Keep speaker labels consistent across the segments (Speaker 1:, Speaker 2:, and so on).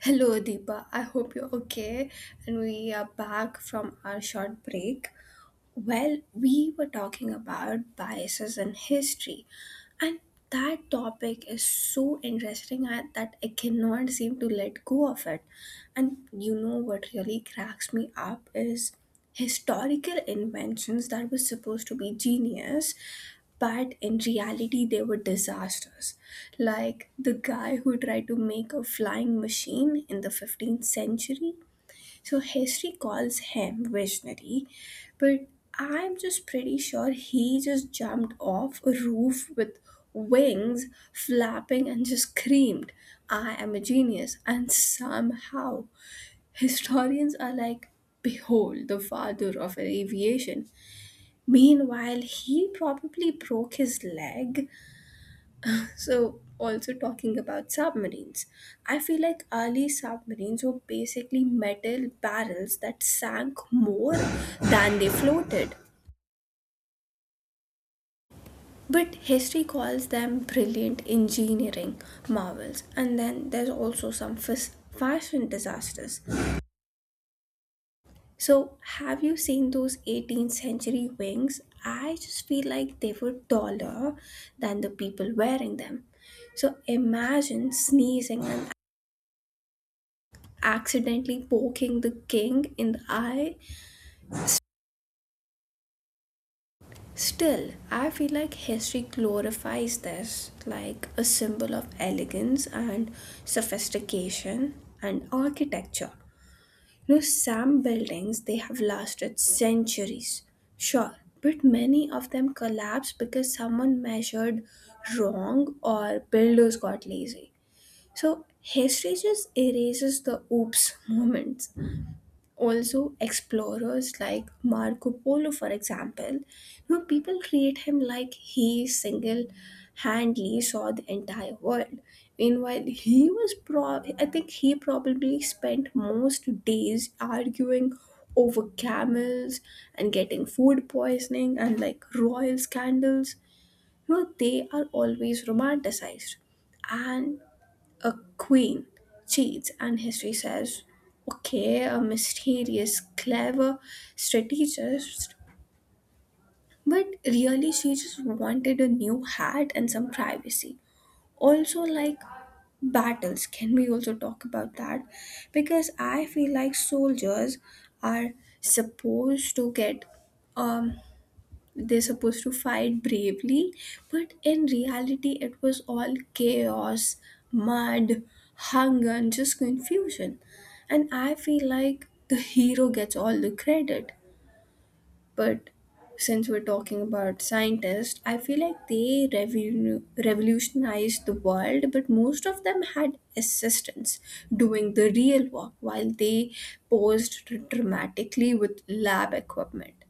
Speaker 1: Hello, Deepa. I hope you're okay. And we are back from our short break. Well, we were talking about biases in history, and that topic is so interesting that I cannot seem to let go of it. And you know what really cracks me up is historical inventions that were supposed to be genius but in reality they were disasters, like the guy who tried to make a flying machine in the 15th century. So history calls him visionary, but I'm just pretty sure he just jumped off a roof with wings flapping and just screamed, I am a genius. And somehow historians are like, Behold, the father of aviation. Meanwhile, he probably broke his leg. So, also talking about submarines, I feel like early submarines were basically metal barrels that sank more than they floated. But history calls them brilliant engineering marvels, and then there's also some fashion disasters. So, have you seen those 18th century wings? I just feel like they were taller than the people wearing them. So imagine sneezing and accidentally poking the king in the eye. Still, I feel like history glorifies this like a symbol of elegance and sophistication and architecture. You know, some buildings they have lasted centuries, sure, but many of them collapsed because someone measured wrong or builders got lazy. So history just erases the oops moments. Also, explorers like Marco Polo for example, you know, people treat him like he single-handedly saw the entire world. Meanwhile, he was probably, I think he probably spent most days arguing over camels and getting food poisoning. And like royal scandals, you know, they are always romanticized. And a queen cheats, and history says, okay, a mysterious, clever strategist, but really she just wanted a new hat and some privacy. Also, like battles, can we also talk about that? Because I feel like soldiers are supposed to get um they're supposed to fight bravely, but in reality it was all chaos, mud, hunger and just confusion. And I feel like the hero gets all the credit, but since we're talking about scientists, I feel like they revolutionized the world, but most of them had assistants doing the real work while they posed dramatically with lab equipment.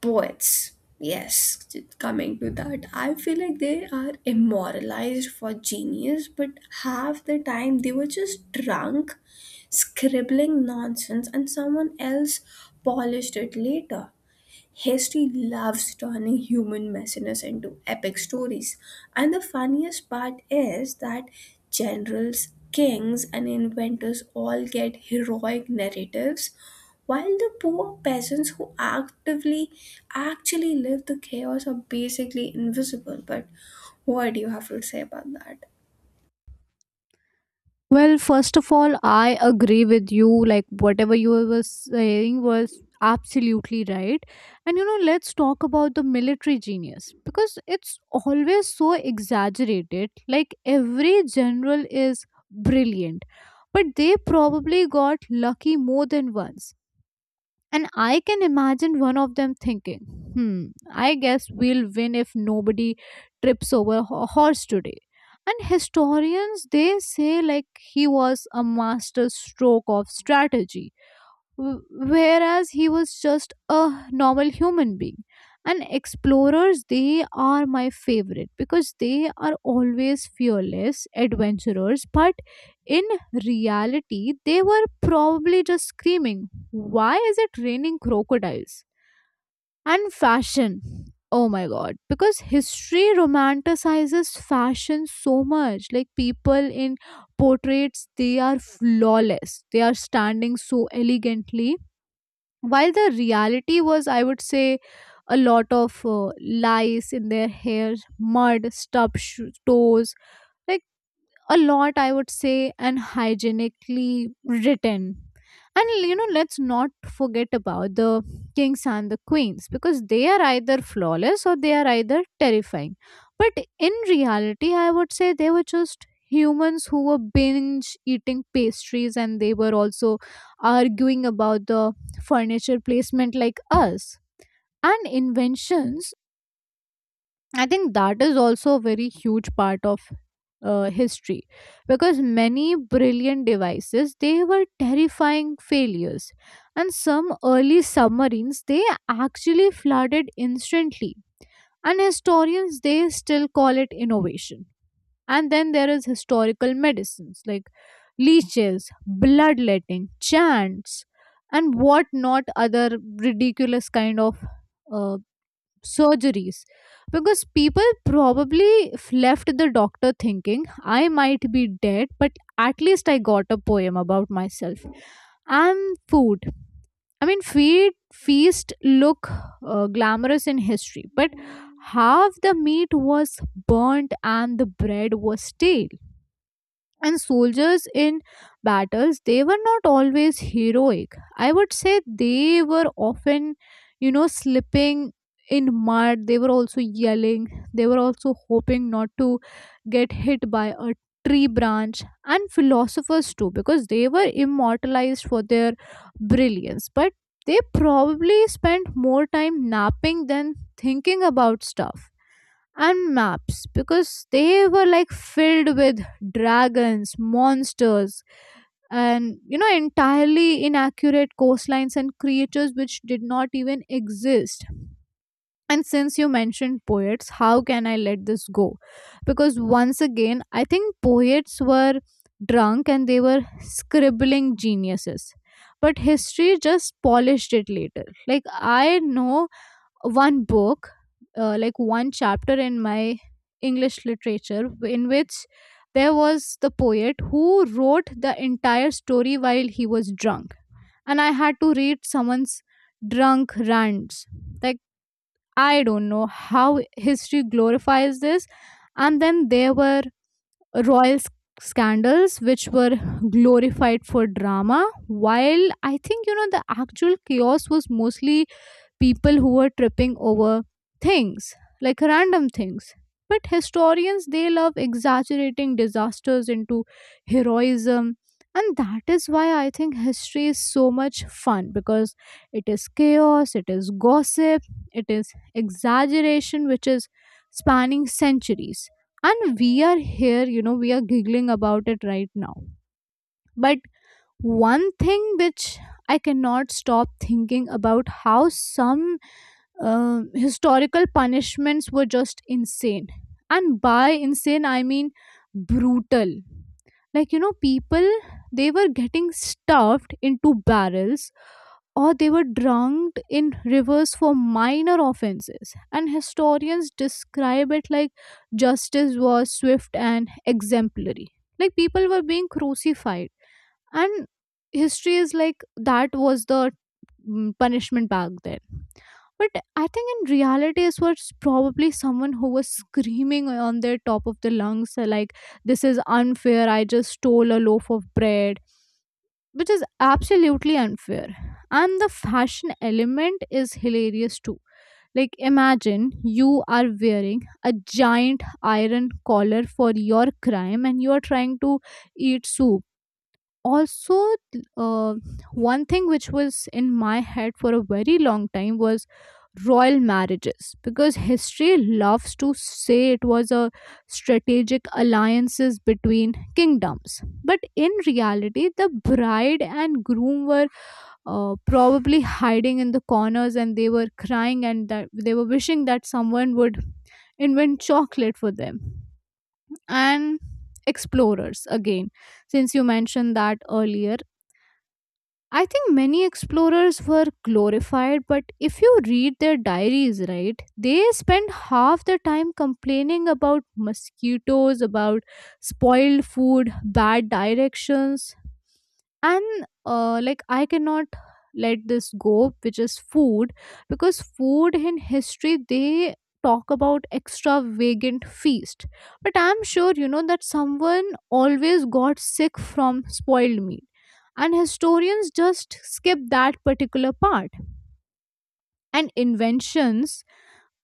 Speaker 1: Poets. Yes, coming to that, I feel like they are immortalized for genius, but half the time they were just drunk, scribbling nonsense, and someone else polished it later. History loves turning human messiness into epic stories. And the funniest part is that generals, kings, and inventors all get heroic narratives, while the poor peasants who actively actually live the chaos are basically invisible. But what do you have to say about that?
Speaker 2: Well, first of all, I agree with you. Like, whatever you were saying was absolutely right. And, you know, let's talk about the military genius because it's always so exaggerated. Like, every general is brilliant, but they probably got lucky more than once. And I can imagine one of them thinking, hmm, I guess we'll win if nobody trips over a horse today. And historians, they say like he was a master stroke of strategy whereas he was just a normal human being. And explorers, they are my favorite because they are always fearless adventurers, but in reality they were probably just screaming, why is it raining crocodiles? And fashion, oh my god, because history romanticizes fashion so much. Like, people in portraits, they are flawless, they are standing so elegantly, while the reality was, I would say, a lot of lice in their hair, mud, stubbed toes. Like, a lot, I would say, and hygienically written. And you know, let's not forget about the kings and the queens, because they are either flawless or they are either terrifying, but in reality I would say they were just humans who were binge eating pastries and they were also arguing about the furniture placement like us. And inventions, I think that is also a very huge part of history, because many brilliant devices, they were terrifying failures, and some early submarines, they actually flooded instantly, and historians, they still call it innovation. And then there is historical medicines like leeches, bloodletting, chants, and what not other ridiculous kind of uh, surgeries, because people probably left the doctor thinking, I might be dead, but at least I got a poem about myself. And food, I mean, feed feast, look glamorous in history, but half the meat was burnt and the bread was stale. And soldiers in battles, they were not always heroic. I would say they were often, you know, slipping in mud, they were also yelling, they were also hoping not to get hit by a tree branch. And philosophers too, because they were immortalized for their brilliance, but they probably spent more time napping than thinking about stuff. And maps, because they were like filled with dragons, monsters, and you know, entirely inaccurate coastlines and creatures which did not even exist. And since you mentioned poets, how can I let this go? Because once again, I think poets were drunk and they were scribbling geniuses. But history just polished it later. Like, I know one book, like one chapter in my English literature, in which there was the poet who wrote the entire story while he was drunk, and I had to read someone's drunk rants. Like, I don't know how history glorifies this. And then there were royal scandals which were glorified for drama, while I think, you know, the actual chaos was mostly people who were tripping over things, like random things. But historians, they love exaggerating disasters into heroism. And that is why I think history is so much fun, because it is chaos, it is gossip, it is exaggeration which is spanning centuries, and we are here, you know, we are giggling about it right now. But one thing which I cannot stop thinking about, how some historical punishments were just insane. And by insane, I mean brutal. Like, you know, people, they were getting stuffed into barrels or they were drunk in rivers for minor offenses. And historians describe it like justice was swift and exemplary. Like, people were being crucified. And history is like, that was the punishment back then. But I think in reality, it was probably someone who was screaming on their top of the lungs, like, this is unfair, I just stole a loaf of bread, which is absolutely unfair. And the fashion element is hilarious too. Like, imagine you are wearing a giant iron collar for your crime and you are trying to eat soup also. uh, One thing which was in my head for a very long time was royal marriages, because history loves to say it was a strategic alliances between kingdoms, but in reality the bride and groom were probably hiding in the corners and they were crying, and that they were wishing that someone would invent chocolate for them. And explorers again, since you mentioned that earlier, I think many explorers were glorified, but if you read their diaries, right, they spend half the time complaining about mosquitoes, about spoiled food, bad directions, and like, I cannot let this go, which is food, because food in history, they talk about extravagant feast, but I'm sure you know that someone always got sick from spoiled meat, and historians just skip that particular part. And inventions,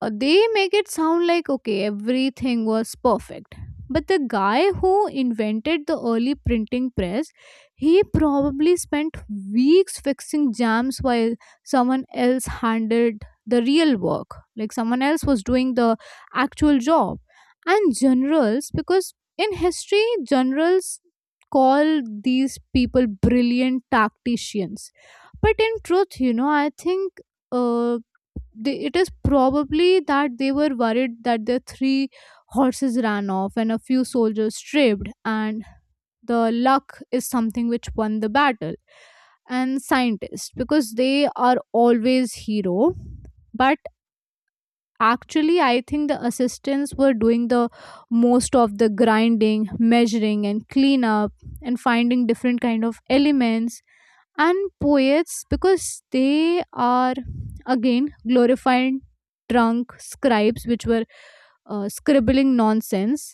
Speaker 2: they make it sound like okay, everything was perfect, but the guy who invented the early printing press, he probably spent weeks fixing jams, while someone else handled the real work, like someone else was doing the actual job. And generals, because in history generals call these people brilliant tacticians, but in truth, you know, I think uh, they, it is probably that they were worried that their three horses ran off and a few soldiers strayed, and the luck is something which won the battle. And scientists, because they are always hero, but actually I think the assistants were doing the most of the grinding, measuring, and cleanup, and finding different kind of elements. And poets, because they are again glorified drunk scribes, which were scribbling nonsense,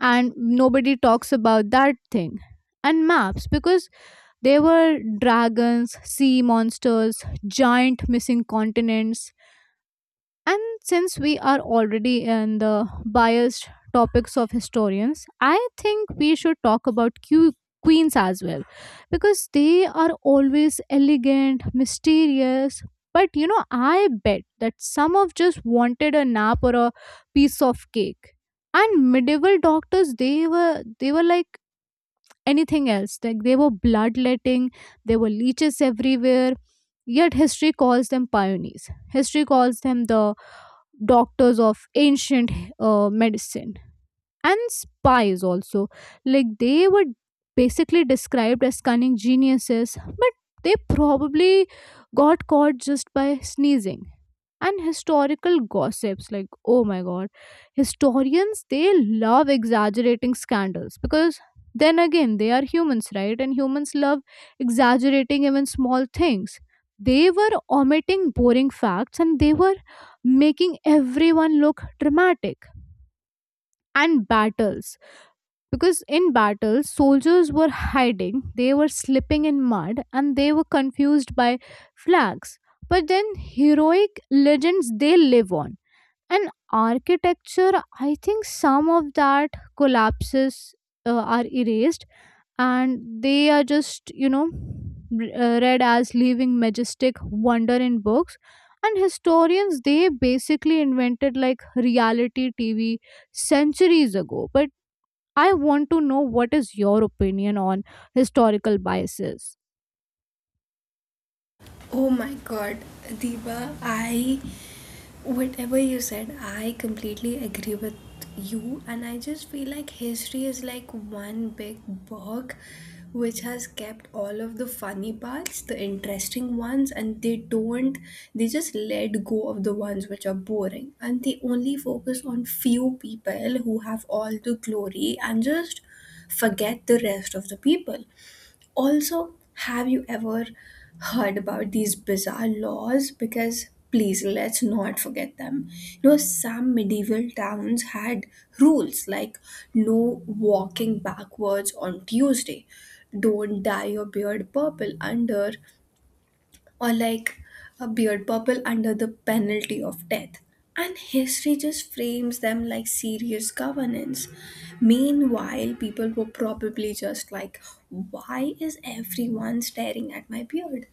Speaker 2: and nobody talks about that thing. And maps, because they were dragons, sea monsters, giant missing continents. And since we are already in the biased topics of historians, I think we should talk about queens as well, because they are always elegant, mysterious. But you know, I bet that some of just wanted a nap or a piece of cake. And medieval doctors, they were, they were like anything else. Like, they were bloodletting, there were leeches everywhere. Yet history calls them pioneers. History calls them the doctors of ancient medicine. And spies also, like, they were basically described as cunning geniuses, but they probably got caught just by sneezing. And historical gossips, like oh my god, historians, they love exaggerating scandals, because then again they are humans, right, and humans love exaggerating even small things. They were omitting boring facts and they were making everyone look dramatic. And battles, because in battles soldiers were hiding, they were slipping in mud, and they were confused by flags, but then heroic legends, they live on. And architecture, I think some of that collapses are erased, and they are just, you know, read as leaving majestic wonder in books. And historians, they basically invented like reality TV centuries ago. But I want to know what is your opinion on historical biases.
Speaker 1: Oh my god, Diva! I Whatever you said, I completely agree with you, and I just feel like history is like one big book which has kept all of the funny parts, the interesting ones, and they don't they just let go of the ones which are boring and they only focus on few people who have all the glory and just forget the rest of the people. Also, have you ever heard about these bizarre laws? Because please, let's not forget them. You know, some medieval towns had rules like no walking backwards on Tuesday, don't dye your beard purple under, or like a beard purple under the penalty of death. And history just frames them like serious governance. Meanwhile, people were probably just like, why is everyone staring at my beard?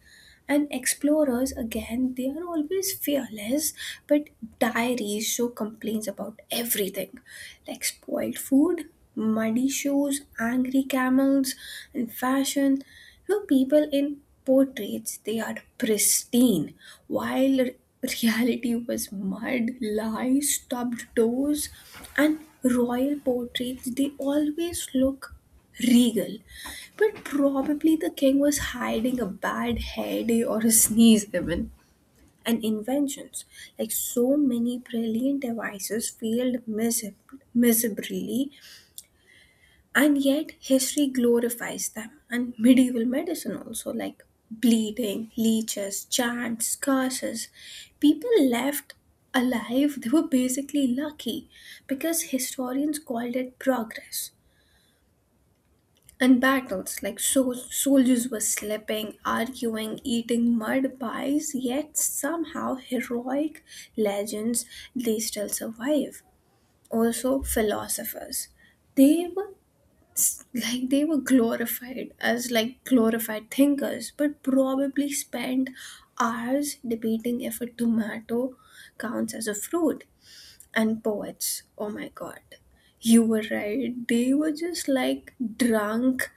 Speaker 1: And explorers, again, they are always fearless, but diaries show complaints about everything like spoiled food, muddy shoes, angry camels, and fashion. You know, people in portraits, they are pristine, while reality was mud, lies, stubbed toes. And royal portraits, they always look regal. But probably the king was hiding a bad hair day or a sneeze even. And inventions. Like so many brilliant devices failed miserably, and yet history glorifies them. And medieval medicine also, like bleeding, leeches, chants, curses. People left alive, they were basically lucky because historians called it progress. And battles, like soldiers were slipping, arguing, eating mud pies, yet somehow heroic legends they still survive. Also, philosophers, they were glorified as like glorified thinkers, but probably spent hours debating if a tomato counts as a fruit. And poets, oh my god, you were right. They were just like drunk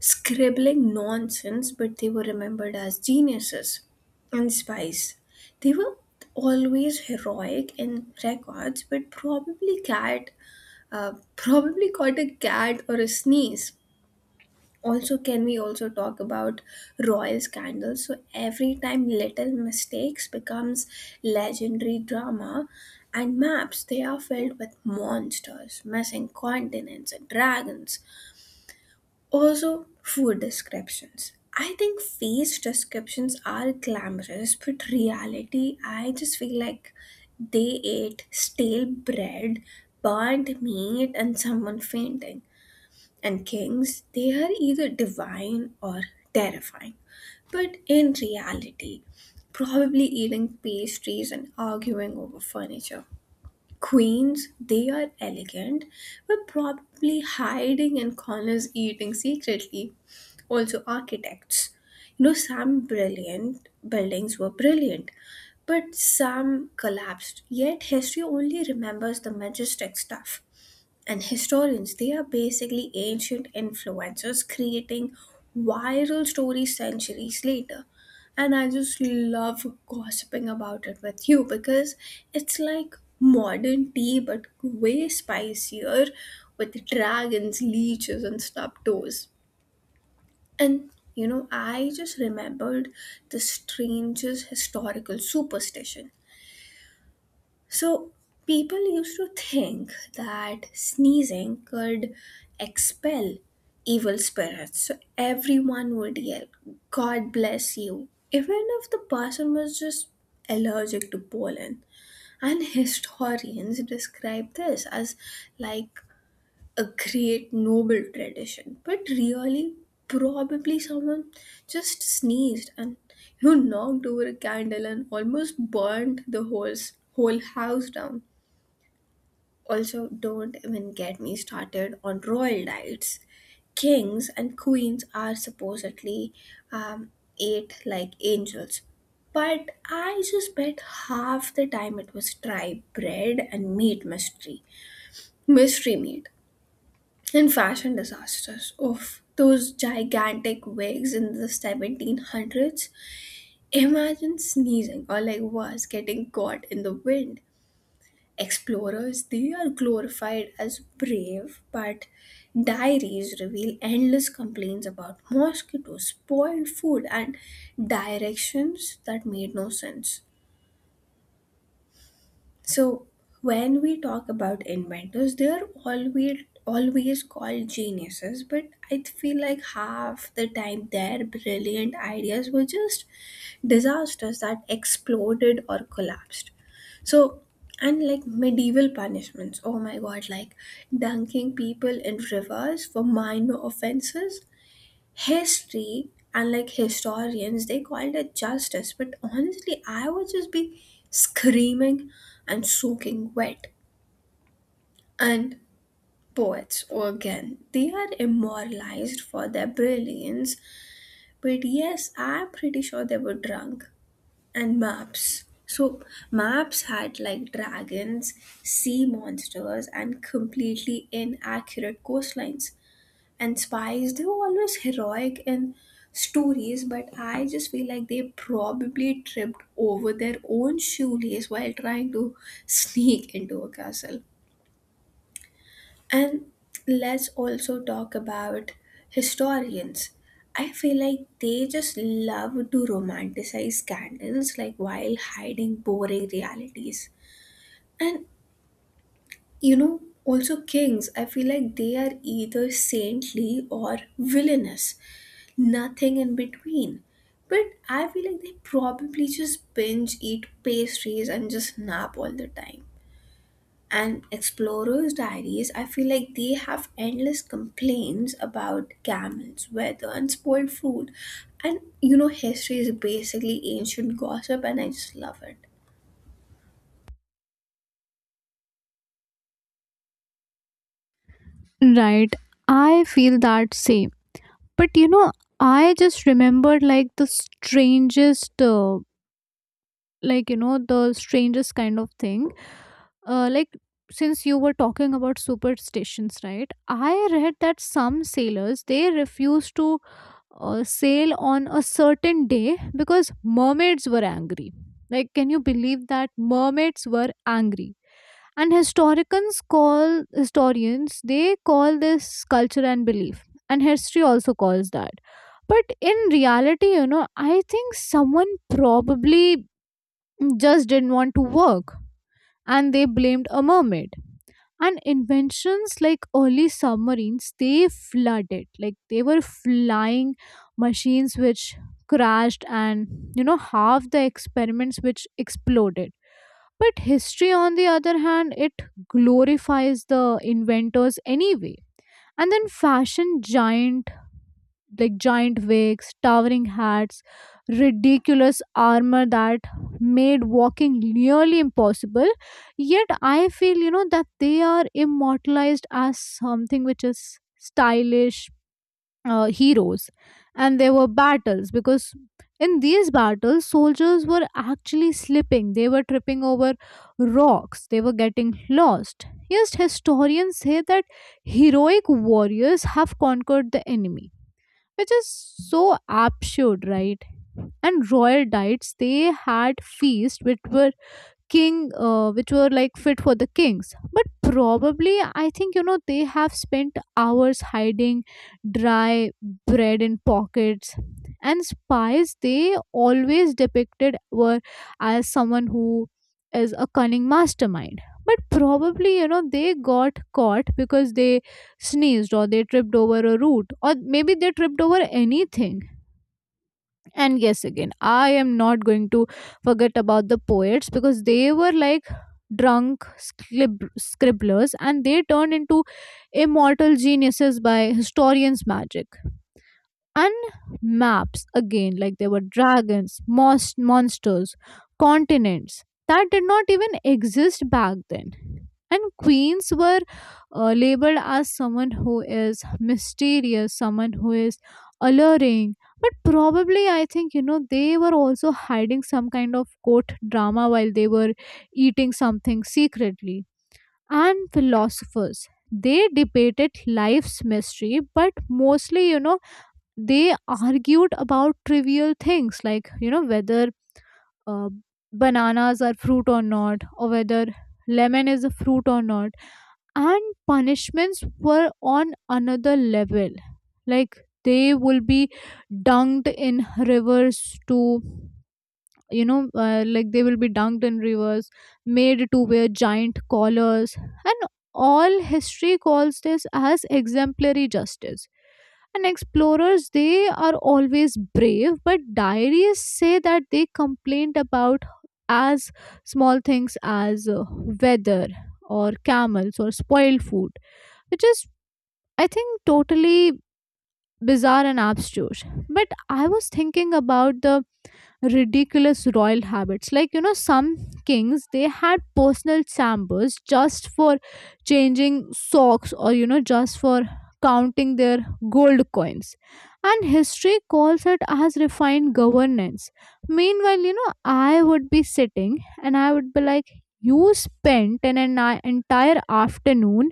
Speaker 1: scribbling nonsense, but they were remembered as geniuses. And spies. They were always heroic in records, but probably probably caught a cat or a sneeze. Also, can we also talk about royal scandals? So every time little mistakes becomes legendary drama. And maps, they are filled with monsters, missing continents, and dragons. Also, food descriptions. I think face descriptions are glamorous, but reality, I just feel like they ate stale bread, burnt meat, and someone fainting. And kings, they are either divine or terrifying. But in reality, probably eating pastries and arguing over furniture. Queens, they are elegant, but probably hiding in corners eating secretly. Also architects. You know, some brilliant buildings were brilliant, but some collapsed. Yet history only remembers the majestic stuff. And historians, they are basically ancient influencers creating viral stories centuries later. And I just love gossiping about it with you because it's like modern tea but way spicier with dragons, leeches, and stuffed toes. And you know, I just remembered the strangest historical superstition. So, people used to think that sneezing could expel evil spirits. So, everyone would yell, God bless you, even if the person was just allergic to pollen. And historians describe this as like a great noble tradition, but really probably someone just sneezed and, you know, knocked over a candle and almost burned the whole house down. Also, don't even get me started on royal diets. Kings and queens are supposedly um, ate like angels, but I just bet half the time it was dry bread and mystery meat. And fashion disasters. Oof, those gigantic wigs in the 1700s. Imagine sneezing or, like worse, getting caught in the wind. Explorers, they are glorified as brave, but diaries reveal endless complaints about mosquitoes, spoiled food, and directions that made no sense. So when we talk about inventors, they are always always called geniuses, but I feel like half the time their brilliant ideas were just disasters that exploded or collapsed. So and like medieval punishments, oh my god, like dunking people in rivers for minor offenses. History and like historians, they called it justice, but honestly I would just be screaming and soaking wet. And poets again, they are immortalized for their brilliance, but yes, I'm pretty sure they were drunk. And maps, so maps had like dragons, sea monsters, and completely inaccurate coastlines. And spies, they were always heroic in stories, but I just feel like they probably tripped over their own shoelace while trying to sneak into a castle. And let's also talk about historians. I feel like they just love to romanticize scandals like, while hiding boring realities. And, you know, also kings, I feel like they are either saintly or villainous, nothing in between. But I feel like they probably just binge eat pastries and just nap all the time. And Explorer's Diaries, I feel like they have endless complaints about camels, weather, and spoiled food. And you know, history is basically ancient gossip, and I just love it.
Speaker 2: Right, I feel that same. But you know, I just remembered like the strangest like you know the strangest kind of thing, like, since you were talking about superstitions, right, I read that some sailors they refused to sail on a certain day because mermaids were angry. Like, can you believe that mermaids were angry? And historians call, historians they call this culture and belief, and history also calls that. But in reality, you know, I think someone probably just didn't want to work and they blamed a mermaid. And inventions, like early submarines they flooded, like they were flying machines which crashed, and you know, half the experiments which exploded. But history on the other hand, it glorifies the inventors anyway. And then fashion, giant like giant wigs, towering hats, ridiculous armor that made walking nearly impossible. Yet I feel, you know, that they are immortalized as something which is stylish heroes. And there were battles, because in these battles, soldiers were actually slipping, they were tripping over rocks, they were getting lost. Yes, historians say that heroic warriors have conquered the enemy, which is so absurd, right? And royal diets, they had feasts which were king which were like fit for the kings, but probably I think they have spent hours hiding dry bread in pockets. And spies, they always depicted were as someone who is a cunning mastermind, but probably they got caught because they sneezed or they tripped over a root, or maybe they tripped over anything. And yes, again, I am not going to forget about the poets, because they were like drunk scribblers and they turned into immortal geniuses by historians' magic. And maps, again, like there were dragons, most monsters, continents that did not even exist back then. And queens were labeled as someone who is mysterious, someone who is alluring, but probably I think they were also hiding some kind of court drama while they were eating something secretly. And philosophers, they debated life's mystery, but mostly, they argued about trivial things, like whether uh, bananas are fruit or not, or whether lemon is a fruit or not. And punishments were on another level. Like they will be dunked in rivers to like they will be dunked in rivers, made to wear giant collars, and all history calls this as exemplary justice. And explorers, they are always brave, but diaries say that they complained about as small things as weather or camels or spoiled food, which is I think totally bizarre and abstruse. But I was thinking about the ridiculous royal habits, like some kings, they had personal chambers just for changing socks, or just for counting their gold coins, and history calls it as refined governance. Meanwhile, I would be sitting and I would be like, you spent an entire afternoon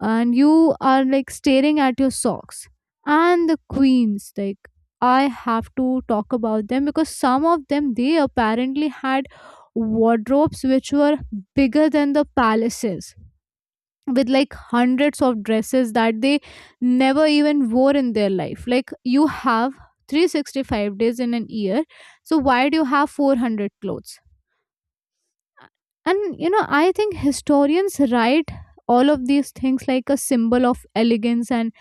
Speaker 2: and you are like staring at your socks. And the queens, like, I have to talk about them because some of them, they apparently had wardrobes which were bigger than the palaces, with like hundreds of dresses that they never even wore in their life. Like you have 365 days in an year, so why do you have 400 clothes? And I think historians write all of these things like a symbol of elegance and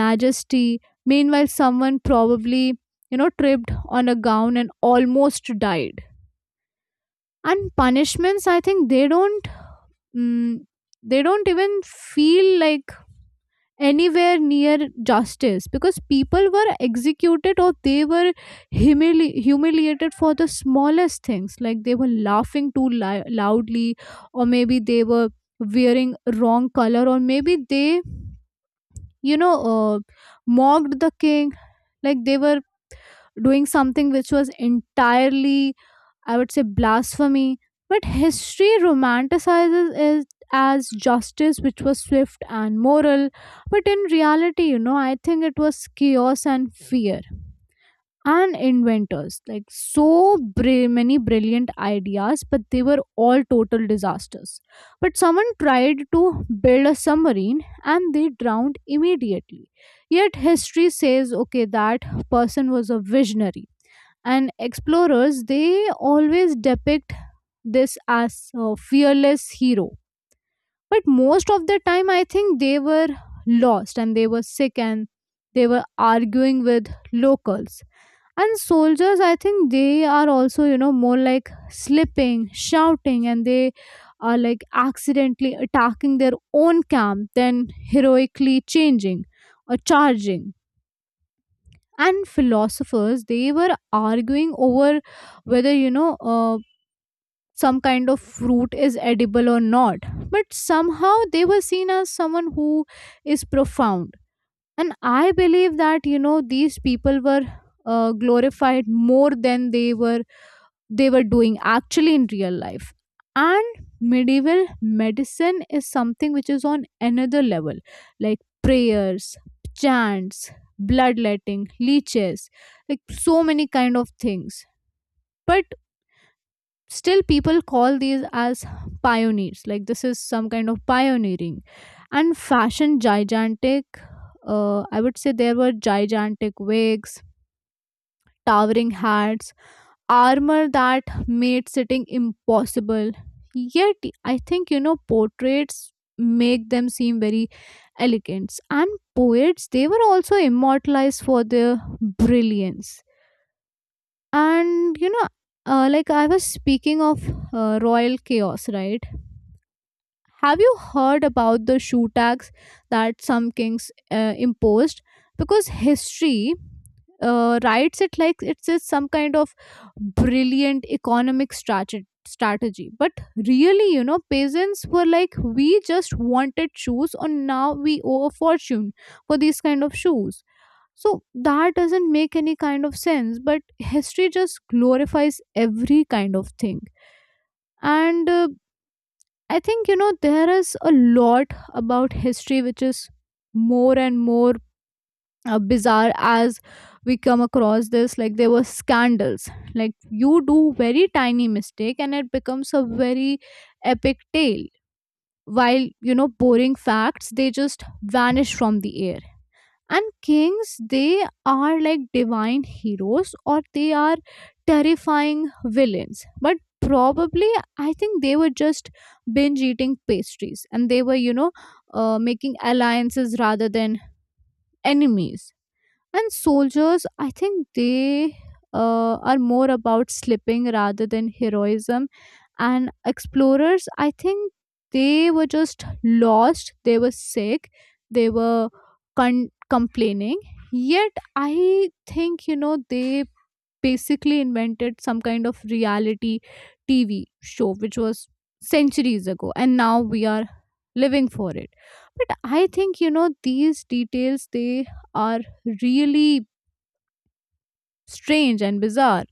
Speaker 2: majesty. Meanwhile, someone probably tripped on a gown and almost died. And punishments, I think they don't mm, they don't even feel like anywhere near justice, because people were executed or they were humiliated for the smallest things, like they were laughing too loudly, or maybe they were wearing wrong color, or maybe they you know uh, mocked the king. Like they were doing something which was entirely, I would say, blasphemy, but history romanticizes it as justice which was swift and moral. But in reality, I think it was chaos and fear. And inventors, like so many brilliant ideas, but they were all total disasters. But someone tried to build a submarine and they drowned immediately. Yet history says, okay, that person was a visionary. And explorers, they always depict this as a fearless hero, but most of the time I think they were lost and they were sick, and they were arguing with locals. And soldiers, I think they are also more like slipping, shouting, and they are like accidentally attacking their own camp, then heroically changing or charging. And philosophers, they were arguing over whether some kind of fruit is edible or not. But somehow they were seen as someone who is profound. And I believe that, these people were glorified more than they were doing actually in real life. And medieval medicine is something which is on another level, like prayers, chants, bloodletting, leeches, like so many kind of things. But still people call these as pioneers, like this is some kind of pioneering. And fashion, gigantic, I would say there were gigantic wigs, towering hats, armor that made sitting impossible. Yet I think portraits make them seem very elegant. And poets, they were also immortalized for their brilliance. And like I was speaking of royal chaos, right? Have you heard about the shoe tax that some kings imposed? Because history writes it like it's just some kind of brilliant economic strategy, but really, peasants were like, we just wanted shoes and now we owe a fortune for these kind of shoes. So that doesn't make any kind of sense, but history just glorifies every kind of thing. And I think there is a lot about history which is more and more bizarre as we come across this. Like there were scandals, like you do very tiny mistake and it becomes a very epic tale, while, boring facts, they just vanish from the air. And kings, they are like divine heroes, or they are terrifying villains, but probably I think they were just binge eating pastries, and they were making alliances rather than enemies. And soldiers, I think they are more about slipping rather than heroism. And explorers, I think they were just lost, they were sick, they were complaining. Yet, I think, they basically invented some kind of reality TV show, which was centuries ago, and now we are living for it. But I think, these details, they are really strange and bizarre.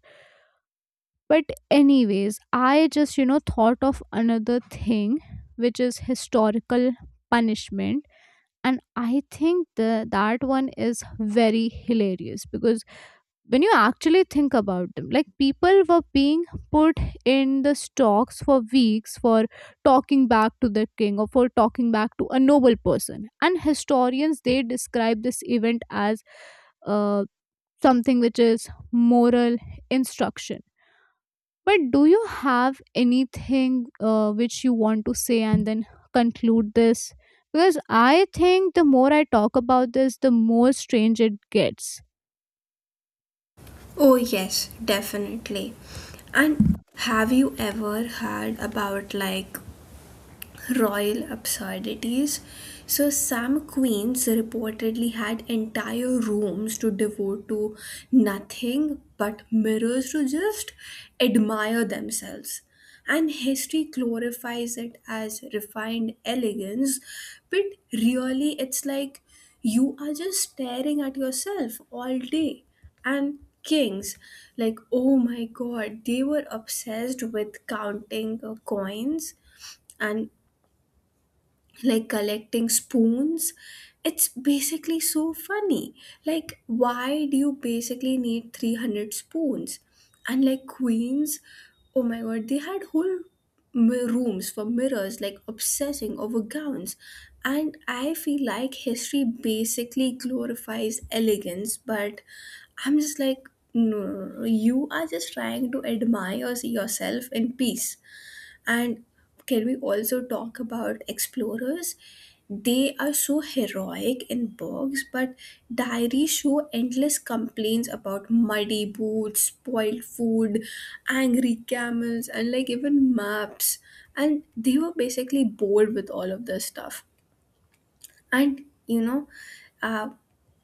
Speaker 2: But anyways, I just, thought of another thing, which is historical punishment. And I think that one is very hilarious, because when you actually think about them, like people were being put in the stocks for weeks for talking back to the king, or for talking back to a noble person, and historians, they describe this event as uh, something which is moral instruction. But do you have anything which you want to say, and then conclude this, because I think the more I talk about this, the more strange it gets.
Speaker 1: Oh, yes, definitely. And have you ever heard about like royal absurdities? So, some queens reportedly had entire rooms to devote to nothing but mirrors to just admire themselves. And history glorifies it as refined elegance, but really it's like you are just staring at yourself all day. And kings, like, oh my god, they were obsessed with counting coins and like collecting spoons. It's basically so funny, like why do you basically need 300 spoons? And like queens, oh my god, they had whole rooms for mirrors, like obsessing over gowns. And I feel like history basically glorifies elegance, but I'm just like, no, no, no, no. You are just trying to admire yourself in peace. And can we also talk about explorers? They are so heroic in books, but diaries show endless complaints about muddy boots, spoiled food, angry camels, and like even maps. And they were basically bored with all of this stuff. And you know, uh,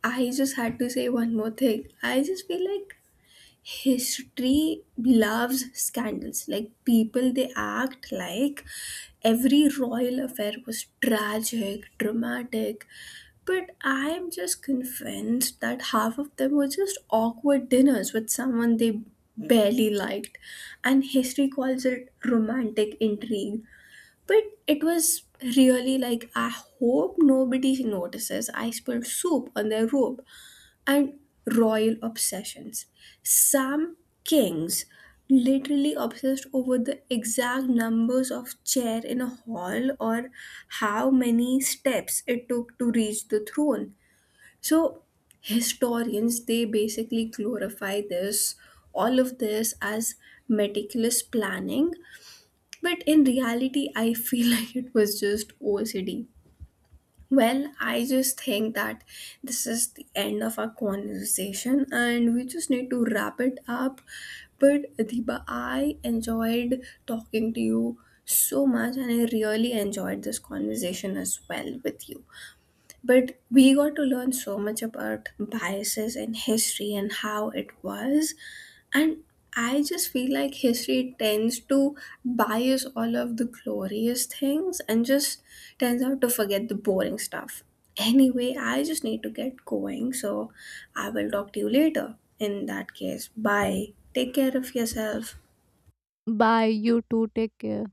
Speaker 1: I just had to say one more thing. I just feel like history loves scandals, like people, they act like every royal affair was tragic dramatic, but I am just convinced that half of them were just awkward dinners with someone they barely liked. And history calls it romantic intrigue, but it was really like, I hope nobody notices I spilled soup on their robe. And royal obsessions. Some kings literally obsessed over the exact numbers of chair in a hall or how many steps it took to reach the throne. So historians, they basically glorify this all of this as meticulous planning, but in reality I feel like it was just OCD. Well, I just think that this is the end of our conversation and we just need to wrap it up. But Adiba, I enjoyed talking to you so much and I really enjoyed this conversation as well with you. But we got to learn so much about biases and history and how it was. And I just feel like history tends to bias all of the glorious things and just tends out to forget the boring stuff. Anyway, I just need to get going, so I will talk to you later. In that case, bye. Take care of yourself.
Speaker 2: Bye, you too, take care.